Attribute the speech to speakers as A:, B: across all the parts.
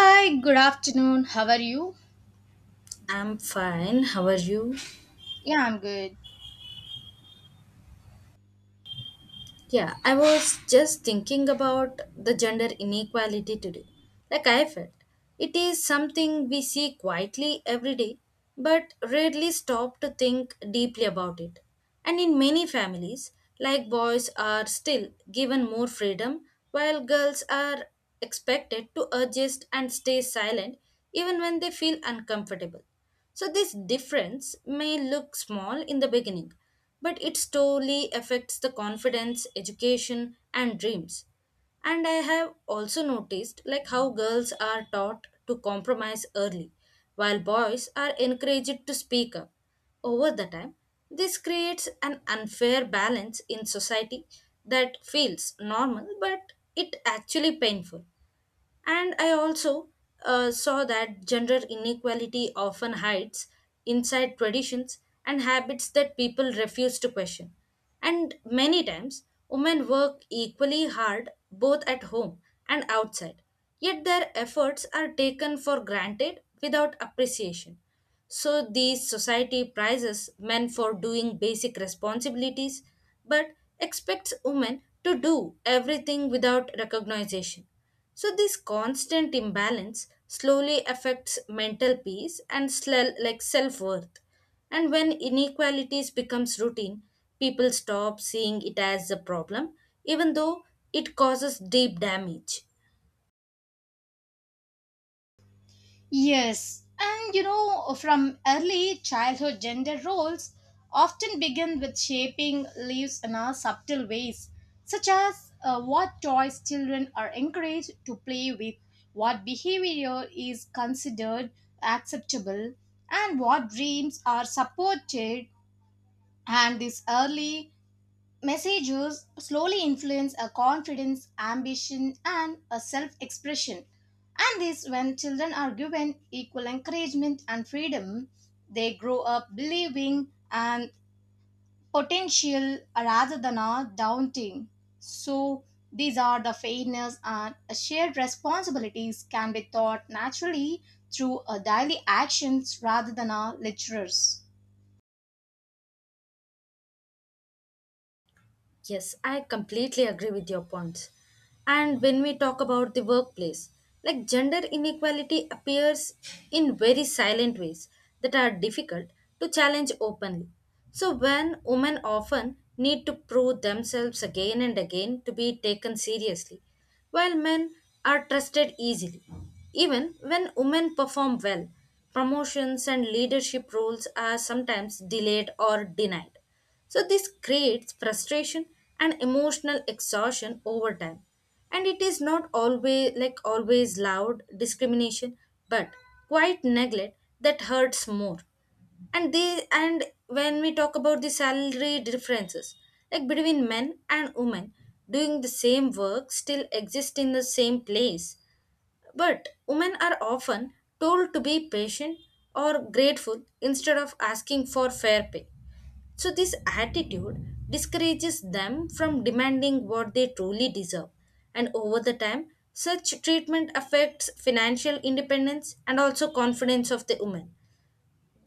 A: Hi, good afternoon. How are you?
B: I'm fine. How are you?
A: Yeah, I'm good.
B: Yeah, I was just thinking about the gender inequality today. Like I felt, it is something we see quietly every day, but rarely stop to think deeply about it. And in many families, like boys are still given more freedom, while girls are expected to adjust and stay silent even when they feel uncomfortable. So, this difference may look small in the beginning, but it slowly affects the confidence, education, and dreams. And I have also noticed like how girls are taught to compromise early, while boys are encouraged to speak up. Over the time, this creates an unfair balance in society that feels normal but it actually painful. And I also saw that gender inequality often hides inside traditions and habits that people refuse to question. And many times, women work equally hard both at home and outside, yet their efforts are taken for granted without appreciation. So, these society prizes men for doing basic responsibilities but expects women to do everything without recognition. So this constant imbalance slowly affects mental peace and like self-worth. And when inequalities becomes routine, people stop seeing it as a problem even though it causes deep damage.
A: Yes, and you know, from early childhood, gender roles often begin with shaping lives in our subtle ways, such as what toys children are encouraged to play with, what behavior is considered acceptable, and what dreams are supported. And these early messages slowly influence our confidence, ambition, and a self expression. And this, when children are given equal encouragement and freedom, they grow up believing and potential rather than a doubting. So, these are the fairness and shared responsibilities can be taught naturally through our daily actions rather than our lecturers.
B: Yes, I completely agree with your points. And when we talk about the workplace, like gender inequality appears in very silent ways that are difficult to challenge openly. So when women often need to prove themselves again and again to be taken seriously, while men are trusted easily. Even when women perform well, promotions and leadership roles are sometimes delayed or denied. So, this creates frustration and emotional exhaustion over time. And it is not always like always loud discrimination, but quite neglect that hurts more. And they and when we talk about the salary differences, like between men and women doing the same work still exist in the same place. But women are often told to be patient or grateful instead of asking for fair pay. So, this attitude discourages them from demanding what they truly deserve. And over the time, such treatment affects financial independence and also confidence of the women.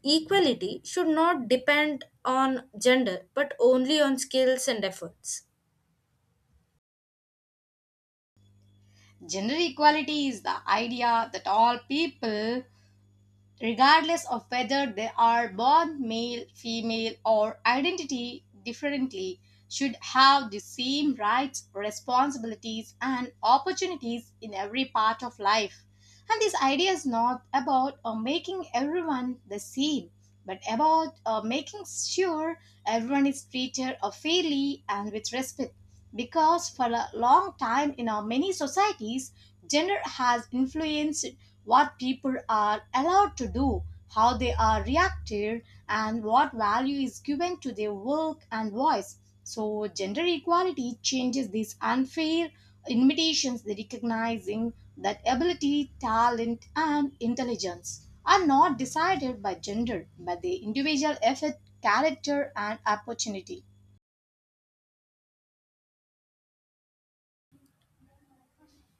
B: Equality should not depend on gender but only on skills and efforts.
A: Gender equality is the idea that all people regardless of whether they are born male, female, or identity differently, should have the same rights, responsibilities, and opportunities in every part of life. And this idea is not about making everyone the same, but about making sure everyone is treated fairly and with respect. Because for a long time in our many societies, gender has influenced what people are allowed to do, how they are reacted, and what value is given to their work and voice. So, gender equality changes these unfair invitations, recognizing that ability, talent, and intelligence are not decided by gender but the individual effort, character, and opportunity.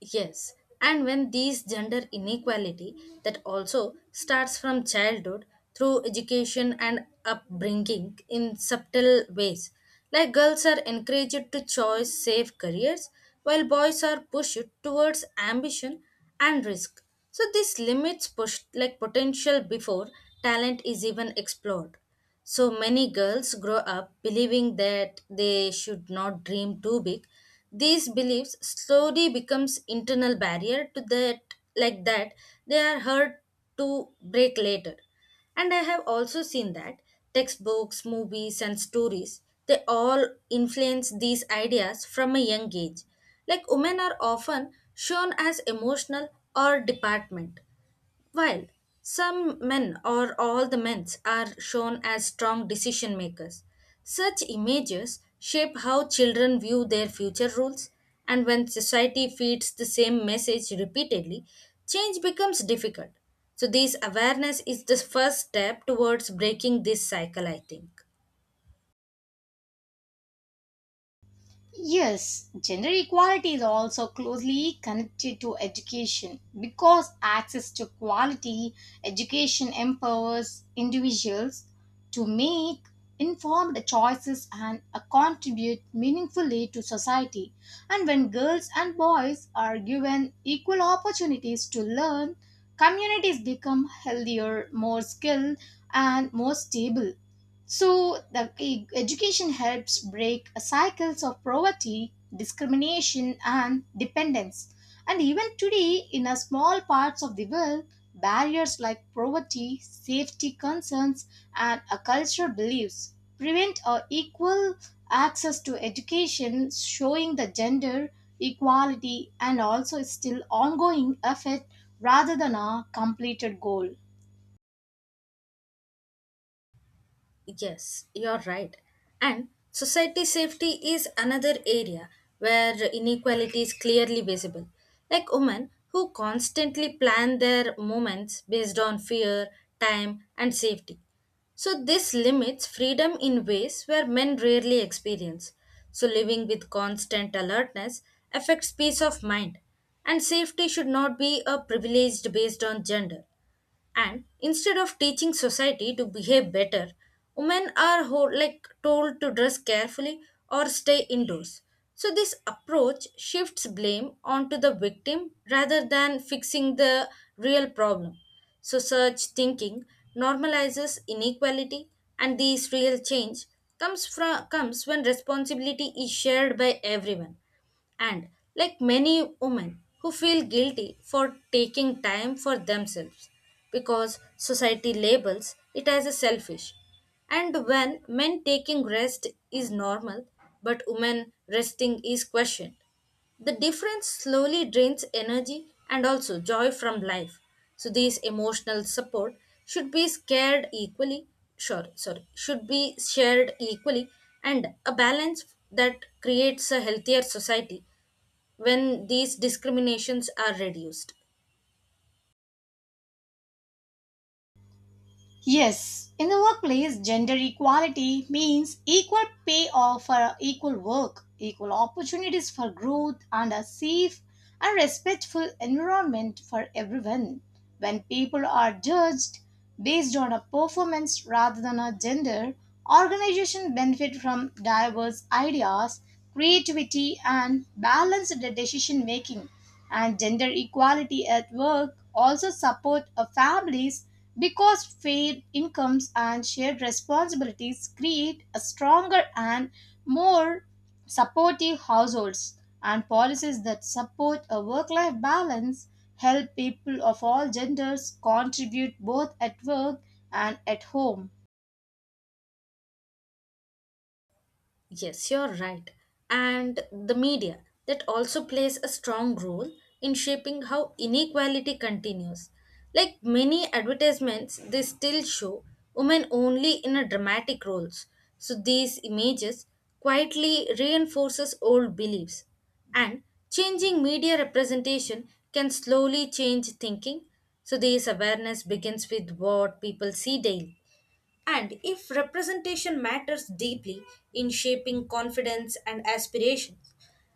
B: Yes, and when these gender inequality that also starts from childhood through education and upbringing in subtle ways. Like girls are encouraged to choose safe careers while boys are pushed towards ambition and risk. So this limits push like potential before talent is even explored. So many girls grow up believing that they should not dream too big. These beliefs slowly becomes internal barrier to that they are hard to break later. And I have also seen that textbooks, movies and stories they all influence these ideas from a young age. Like women are often shown as emotional or department while some men or all the men are shown as strong decision makers, such images shape how children view their future roles, and when society feeds the same message repeatedly, change becomes difficult. So, this awareness is the first step towards breaking this cycle, I think.
A: Yes, gender equality is also closely connected to education because access to quality education empowers individuals to make informed choices and contribute meaningfully to society. And when girls and boys are given equal opportunities to learn, communities become healthier, more skilled, and more stable. So the education helps break cycles of poverty, discrimination and dependence. And even today in a small parts of the world, barriers like poverty, safety concerns and a cultural beliefs prevent a equal access to education showing the gender equality and also still ongoing effort rather than a completed goal.
B: Yes, you're right. And society safety is another area where inequality is clearly visible. Like women who constantly plan their movements based on fear, time, and safety. So, this limits freedom in ways where men rarely experience. So, living with constant alertness affects peace of mind, and safety should not be a privilege based on gender and instead of teaching society to behave better women are like told to dress carefully or stay indoors. So this approach shifts blame onto the victim rather than fixing the real problem. So such thinking normalizes inequality, and this real change comes when responsibility is shared by everyone. And like many women who feel guilty for taking time for themselves because society labels it as a selfish, and when men taking rest is normal but women resting is questioned, the difference slowly drains energy and also joy from life. So these emotional support should be scared equally, sure, sorry, should be shared equally, and a balance that creates a healthier society when these discriminations are reduced.
A: Yes, in the workplace, gender equality means equal pay or for equal work, equal opportunities for growth, and a safe and respectful environment for everyone. When people are judged based on a performance rather than a gender, organizations benefit from diverse ideas, creativity, and balanced decision making. And gender equality at work also support a families because fair incomes and shared responsibilities create a stronger and more supportive households and policies that support a work life balance help people of all genders contribute both at work and at home.
B: Yes, you're right. And the media that also plays a strong role in shaping how inequality continues. Like many advertisements, they still show women only in a dramatic roles. So these images quietly reinforces old beliefs. And changing media representation can slowly change thinking. So this awareness begins with what people see daily. And if representation matters deeply in shaping confidence and aspirations,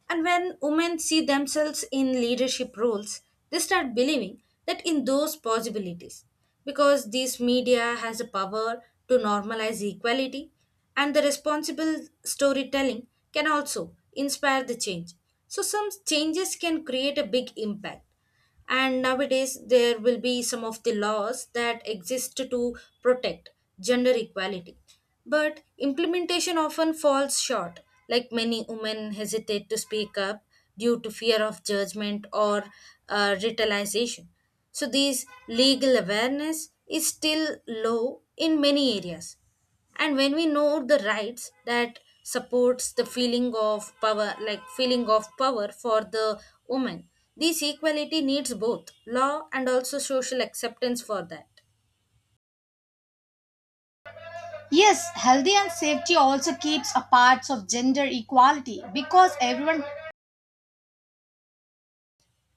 B: and when women see themselves in leadership roles, they start believing that in those possibilities. Because this media has a power to normalize equality, and the responsible storytelling can also inspire the change. So, some changes can create a big impact, and nowadays there will be some of the laws that exist to protect gender equality but implementation often falls short. Like many women hesitate to speak up due to fear of judgment or retaliation. So these legal awareness is still low in many areas, and when we know the rights that supports the feeling of power like feeling of power for the woman, this equality needs both law and also social acceptance for that.
A: Yes, healthy and safety also keeps a parts of gender equality because everyone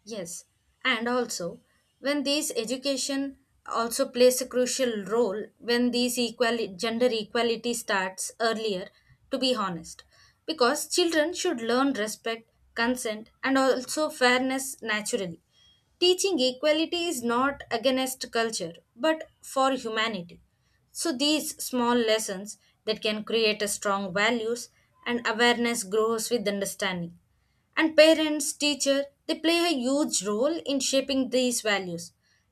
B: Yes, and also when these education also plays a crucial role when these equal gender equality starts earlier, to be honest, because children should learn respect, consent and also fairness naturally. Teaching equality is not against culture but for humanity. So these small lessons that can create a strong values, and awareness grows with understanding. And parents teacher, they play a huge role in shaping these values.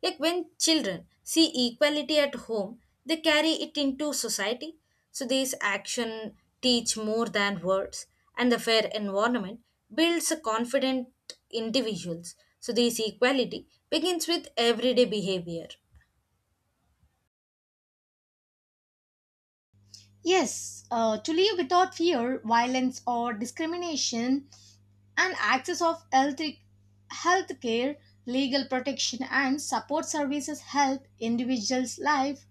B: Like when children see equality at home, they carry it into society. So these action teach more than words, and the fair environment builds a confident individuals. So this equality begins with everyday behavior.
A: yes, to live without fear, violence or discrimination and access of health, health care, legal protection and support services help individuals life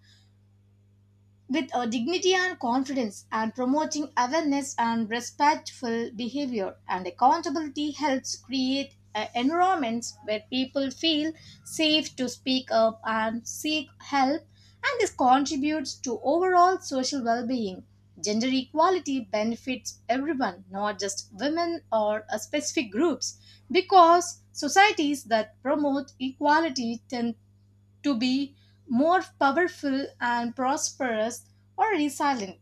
A: with dignity and confidence and promoting awareness and respectful behavior and accountability helps create environments where people feel safe to speak up and seek help and this contributes to overall social well-being. Gender equality benefits everyone not just women or specific groups because societies that promote equality tend to be more powerful and prosperous or resilient.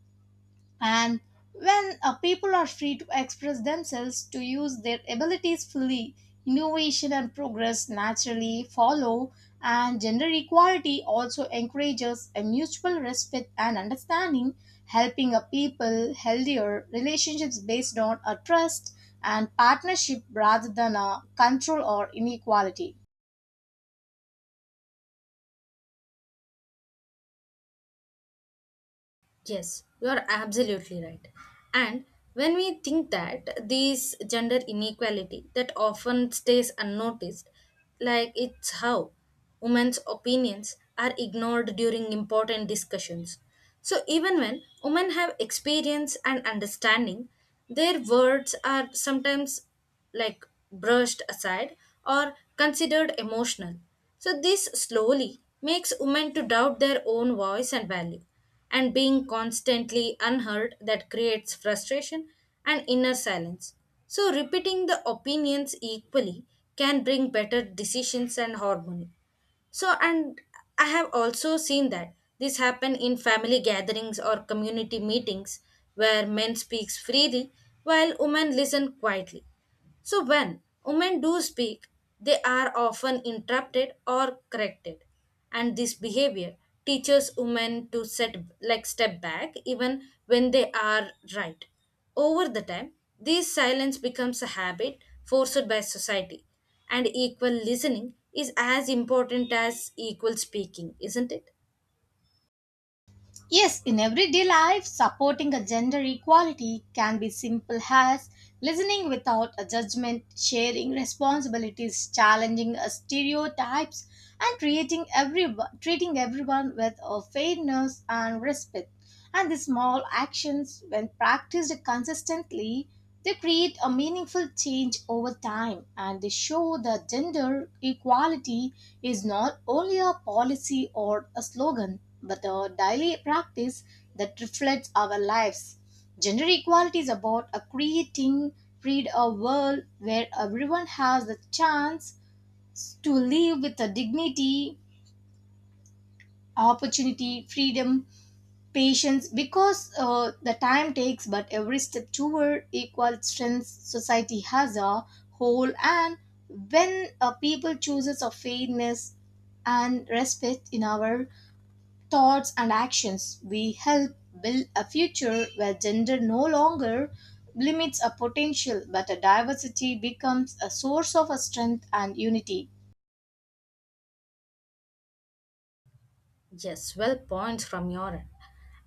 A: And when people are free to express themselves, to use their abilities fully, innovation and progress naturally follow. And gender equality also encourages a mutual respect and understanding, helping a people healthier relationships based on a trust and partnership rather than a control or inequality.
B: Yes, you are absolutely right. And when we think that this gender inequality that often stays unnoticed, like it's how women's opinions are ignored during important discussions. So even when women have experience and understanding, their words are sometimes like brushed aside or considered emotional. So this slowly makes women to doubt their own voice and value. And being constantly unheard that creates frustration and inner silence. So repeating the opinions equally can bring better decisions and harmony. So and I have also seen that this happen in family gatherings or community meetings where men speaks freely while women listen quietly. So when women do speak, they are often interrupted or corrected. And this behavior teaches women to set like step back even when they are right. Over the time, this silence becomes a habit forced by society. And equal listening is as important as equal speaking, isn't it?
A: Yes, in everyday life, supporting a gender equality can be simple as listening without a judgment, sharing responsibilities, challenging stereotypes, and treating everyone with fairness and respect. And these small actions, when practiced consistently, they create a meaningful change over time and they show that gender equality is not only a policy or a slogan but a daily practice that reflects our lives. Gender equality is about create a world where everyone has the chance to live with a dignity, opportunity, freedom, patience, because the time takes, but every step toward equal strength society has a whole, and when a people chooses a fairness and respect in our thoughts and actions, we help build a future where gender no longer limits a potential, but a diversity becomes a source of a strength and unity.
B: Yes, well points from your end.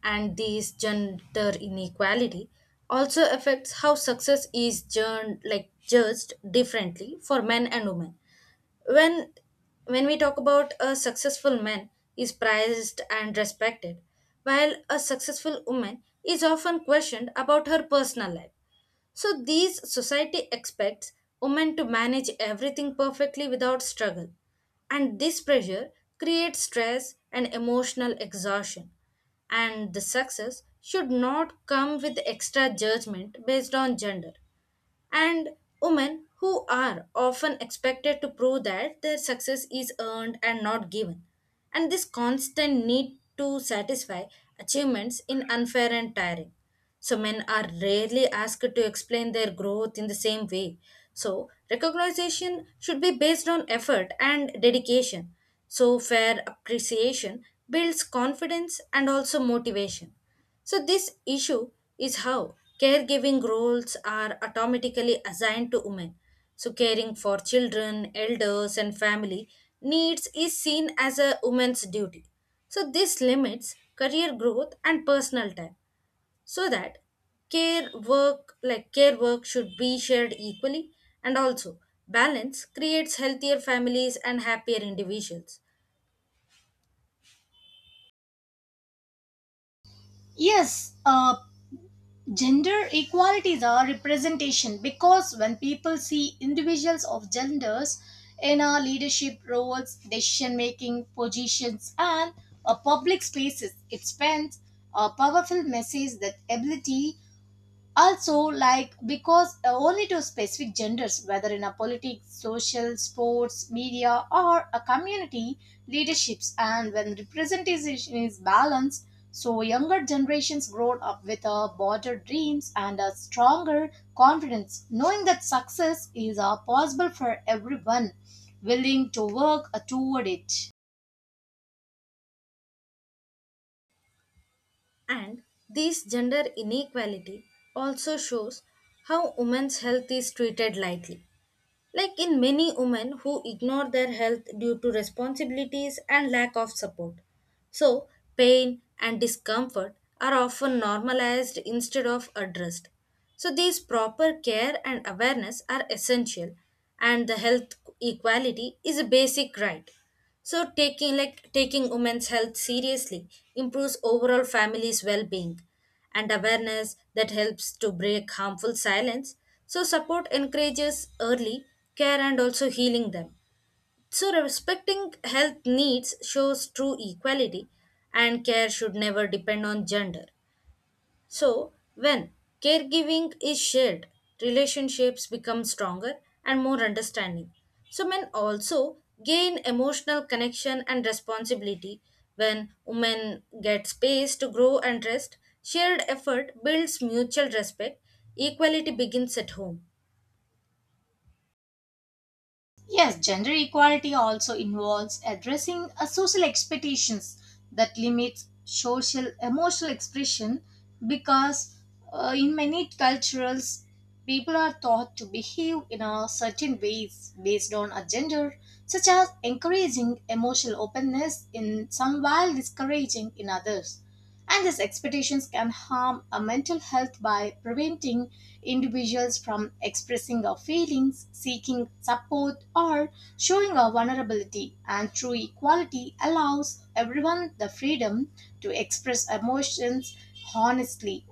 B: And this gender inequality also affects how success is like judged differently for men and women. When when we talk about a successful man is prized and respected, while a successful woman is often questioned about her personal life. So these society expects women to manage everything perfectly without struggle. And this pressure creates stress and emotional exhaustion. And the success should not come with extra judgment based on gender, and women who are often expected to prove that their success is earned and not given. And this constant need to satisfy achievements in unfair and tiring. So men are rarely asked to explain their growth in the same way. So recognition should be based on effort and dedication. So fair appreciation builds confidence and also motivation. So, this issue is how caregiving roles are automatically assigned to women. So, caring for children, elders, and family needs is seen as a woman's duty. So, this limits career growth and personal time so that care work should be shared equally, and also balance creates healthier families and happier individuals.
A: Yes, gender equality is a representation because when people see individuals of genders in our leadership roles, decision making positions, and public spaces, it sends a powerful message that ability also like because only to specific genders whether in a politics social sports media or a community leaderships and when representation is balanced so younger generations grow up with a broader dreams and a stronger confidence knowing that success is possible for everyone willing to work toward it.
B: And this gender inequality also shows how women's health is treated lightly. Like in many women who ignore their health due to responsibilities and lack of support. So, pain and discomfort are often normalized instead of addressed. So, these proper care and awareness are essential, and the health equality is a basic right. So taking women's health seriously improves overall family's well-being, and awareness that helps to break harmful silence. So, support encourages early care and also healing them. So, respecting health needs shows true equality, and care should never depend on gender. So, when caregiving is shared, relationships become stronger and more understanding. So, men also gain emotional connection and responsibility. When women get space to grow and rest, shared effort builds mutual respect. Equality begins at home.
A: Yes, gender equality also involves addressing a social expectations that limits social emotional expression because in many cultures people are taught to behave in a certain ways based on a gender such as encouraging emotional openness in some while discouraging in others and these expectations can harm our mental health by preventing individuals from expressing our feelings, seeking support, or showing our vulnerability. And true equality allows everyone the freedom to express emotions honestly,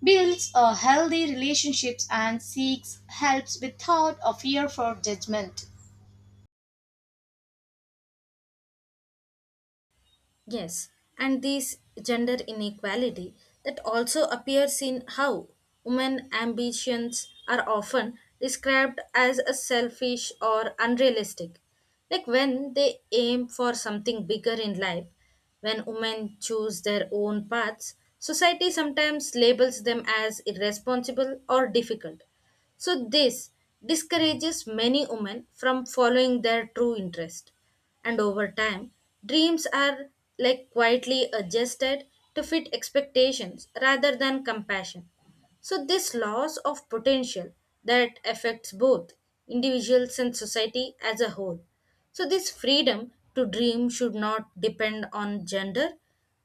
A: builds a healthy relationships, and seeks helps without a fear for judgment.
B: Yes, and this gender inequality that also appears in how women ambitions are often described as a selfish or unrealistic. Like when they aim for something bigger in life, when women choose their own paths, society sometimes labels them as irresponsible or difficult. So this discourages many women from following their true interest. And over time, dreams are like quietly adjusted to fit expectations rather than compassion. So, this loss of potential that affects both individuals and society as a whole. So, this freedom to dream should not depend on gender.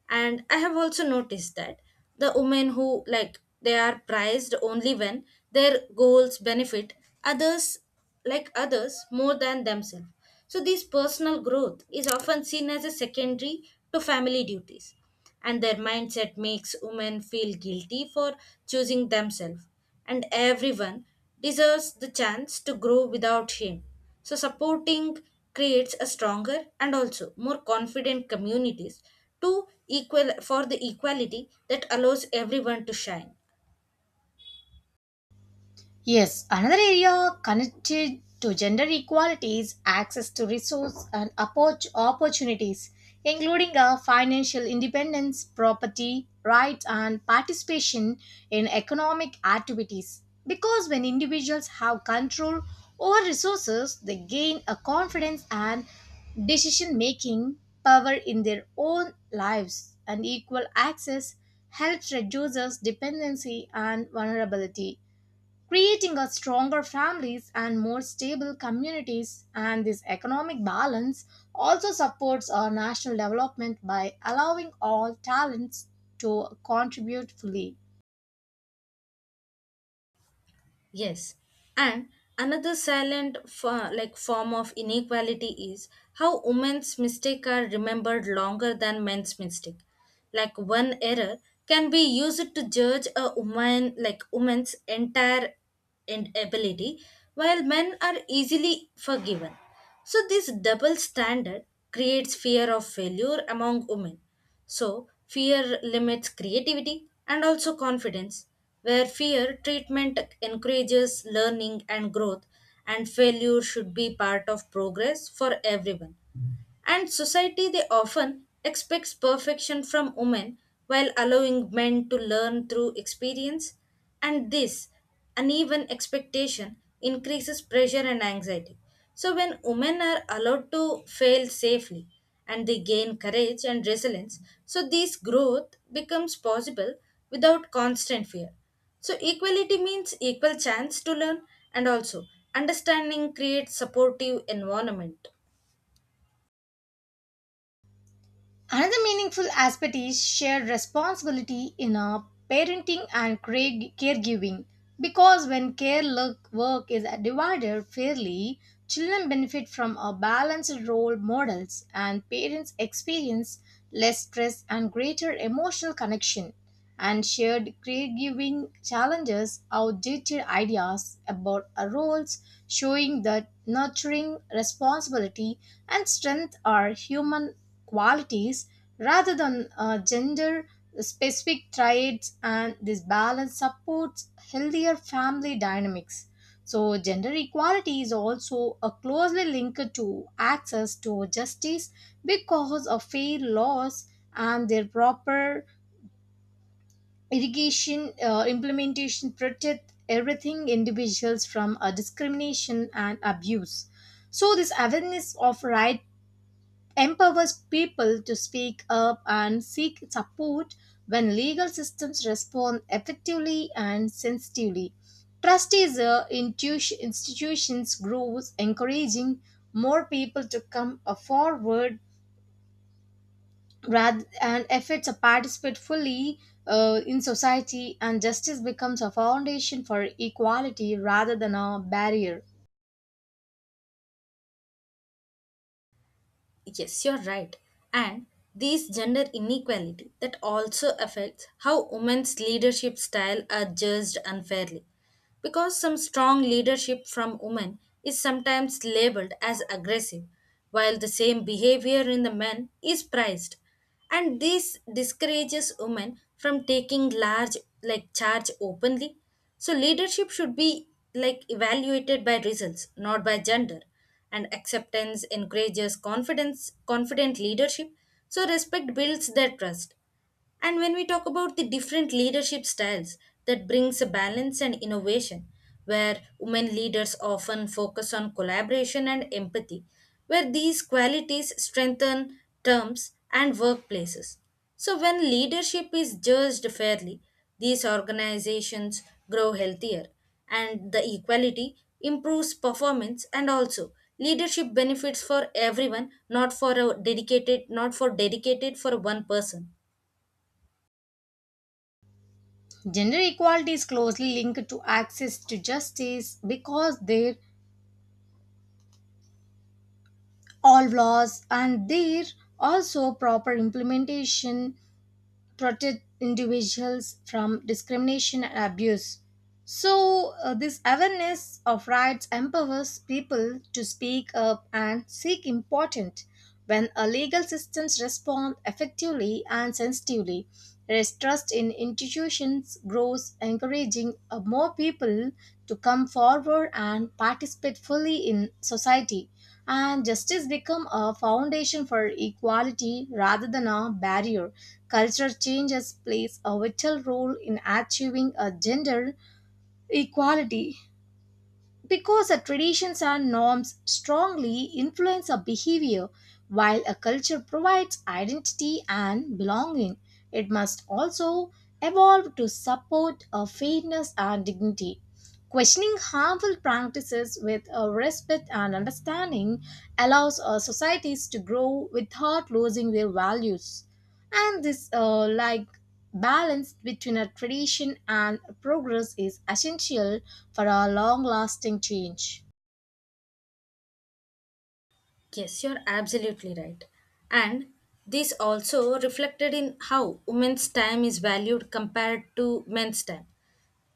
B: And I have also noticed that the women who like they are prized only when their goals benefit others like others more than themselves. So, this personal growth is often seen as a secondary to family duties, and their mindset makes women feel guilty for choosing themselves, and everyone deserves the chance to grow without shame. So supporting creates a stronger and also more confident communities to equal for the equality that allows everyone to shine.
A: Yes, another area connected to gender equality is access to resource and opportunities, including financial independence, property rights, and participation in economic activities. Because when individuals have control over resources, they gain a confidence and decision making power in their own lives, and equal access helps reduces dependency and vulnerability creating a stronger families and more stable communities and this economic balance also supports our national development by allowing all talents to contribute fully.
B: Yes, and another like form of inequality is how women's mistakes are remembered longer than men's mistake. Like one error can be used to judge a woman's entire and ability, while men are easily forgiven. So this double standard creates fear of failure among women. So, fear limits creativity and also confidence, where fear treatment encourages learning and growth, and failure should be part of progress for everyone. And society they often expects perfection from women while allowing men to learn through experience, and this uneven expectation increases pressure and anxiety. So when women are allowed to fail safely and they gain courage and resilience, so this growth becomes possible without constant fear. So equality means equal chance to learn, and also understanding creates supportive environment.
A: Another meaningful aspect is shared responsibility in parenting and caregiving because when work is divided fairly, children benefit from a balanced role models and parents experience less stress and greater emotional connection and shared caregiving challenges outdated ideas about our roles, showing that nurturing, responsibility, and strength are human qualities rather than gender specific traits, and this balance supports healthier family dynamics. So, gender equality is also a closely linked to access to justice because of fair laws and their proper irrigation implementation protect everything individuals from discrimination and abuse. So this awareness of right empowers people to speak up and seek support when legal systems respond effectively and sensitively, trust is a institutions grows encouraging more people to come forward rather and efforts are participate fully in society and justice becomes a foundation for equality rather than a barrier.
B: Yes, you're right. And these gender inequality that also affects how women's leadership style are judged unfairly. Because some strong leadership from women is sometimes labeled as aggressive, while the same behavior in the men is prized, and this discourages women from taking large like charge openly. So leadership should be like evaluated by results, not by gender, and acceptance encourages confidence confident leadership. So respect builds their trust, and when we talk about the different leadership styles, that brings a balance and innovation, where women leaders often focus on collaboration and empathy, where these qualities strengthen terms and workplaces. So, when leadership is judged fairly, these organizations grow healthier, and the equality improves performance and also leadership benefits for everyone, not for dedicated for one person.
A: Gender equality is closely linked to access to justice because there all laws and there also proper implementation protect individuals from discrimination and abuse. So, this awareness of rights empowers people to speak up and seek important when a legal systems respond effectively and sensitively. There is trust in institutions grows, encouraging more people to come forward and participate fully in society. And justice become a foundation for equality rather than a barrier. Cultural changes plays a vital role in achieving a gender equality because the traditions and norms strongly influence our behavior while a culture provides identity and belonging, it must also evolve to support a fairness and dignity. Questioning harmful practices with respect and understanding allows societies to grow without losing their values. And this balance between a tradition and progress is essential for a long-lasting change.
B: Yes, you're absolutely right. And this also reflected in how women's time is valued compared to men's time.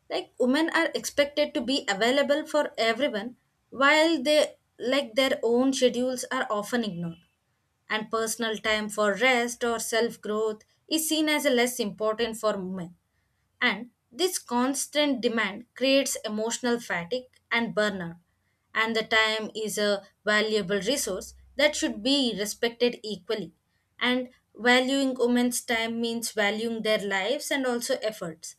B: Like women are expected to be available for everyone while they like their own schedules are often ignored. And personal time for rest or self-growth is seen as a less important for women. And this constant demand creates emotional fatigue and burnout. And the time is a valuable resource that should be respected equally. And valuing women's time means valuing their lives and also efforts.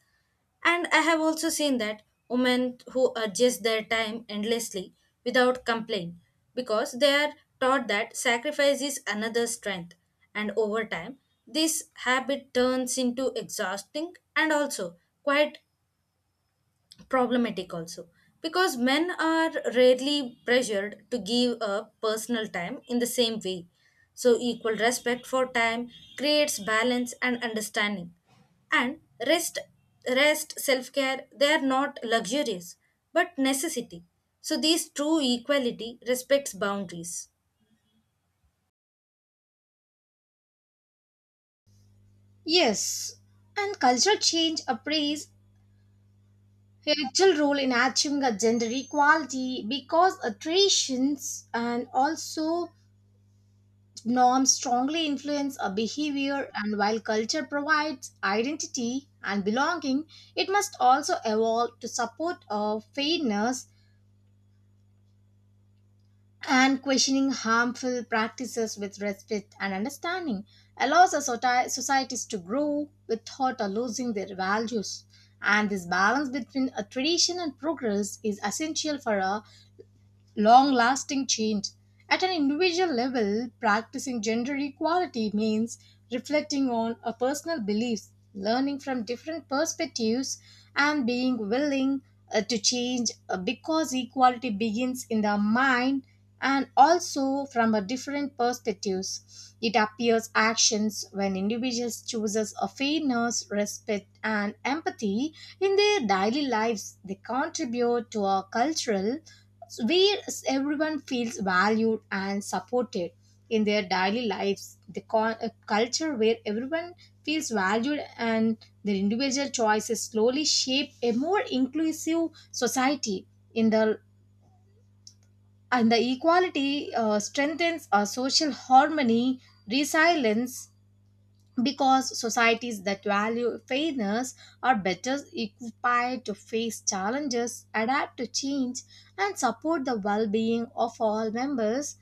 B: And I have also seen that women who adjust their time endlessly without complaint because they are taught that sacrifice is another strength. And over time, this habit turns into exhausting and also quite problematic also, because men are rarely pressured to give up personal time in the same way. So, equal respect for time creates balance and understanding. And rest, rest, self care, they are not luxurious but necessity. So, these true equality respects boundaries.
A: Yes, and cultural change plays a vital role in achieving a gender equality because a traditions and also norms strongly influence a behavior, and while culture provides identity and belonging, it must also evolve to support of fairness and questioning harmful practices with respect and understanding allows our societies to grow without losing their values. And this balance between a tradition and progress is essential for a long lasting change. At an individual level, practicing gender equality means reflecting on our personal beliefs, learning from different perspectives, and being willing to change because equality begins in the mind and also from a different perspectives. It appears actions when individuals chooses a fairness, respect, and empathy in their daily lives. They contribute to our cultural where everyone feels valued and supported in their daily lives the a culture where everyone feels valued and their individual choices slowly shape a more inclusive society in the and the equality strengthens our social harmony resilience because societies that value fairness are better equipped to face challenges, adapt to change, and support the well being of all members.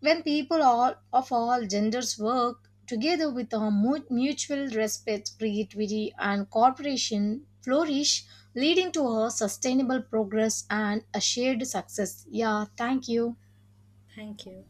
A: When people all, of all genders work together with a mutual respect, creativity, and cooperation flourish, leading to a sustainable progress and a shared success. Yeah, thank you.
B: Thank you.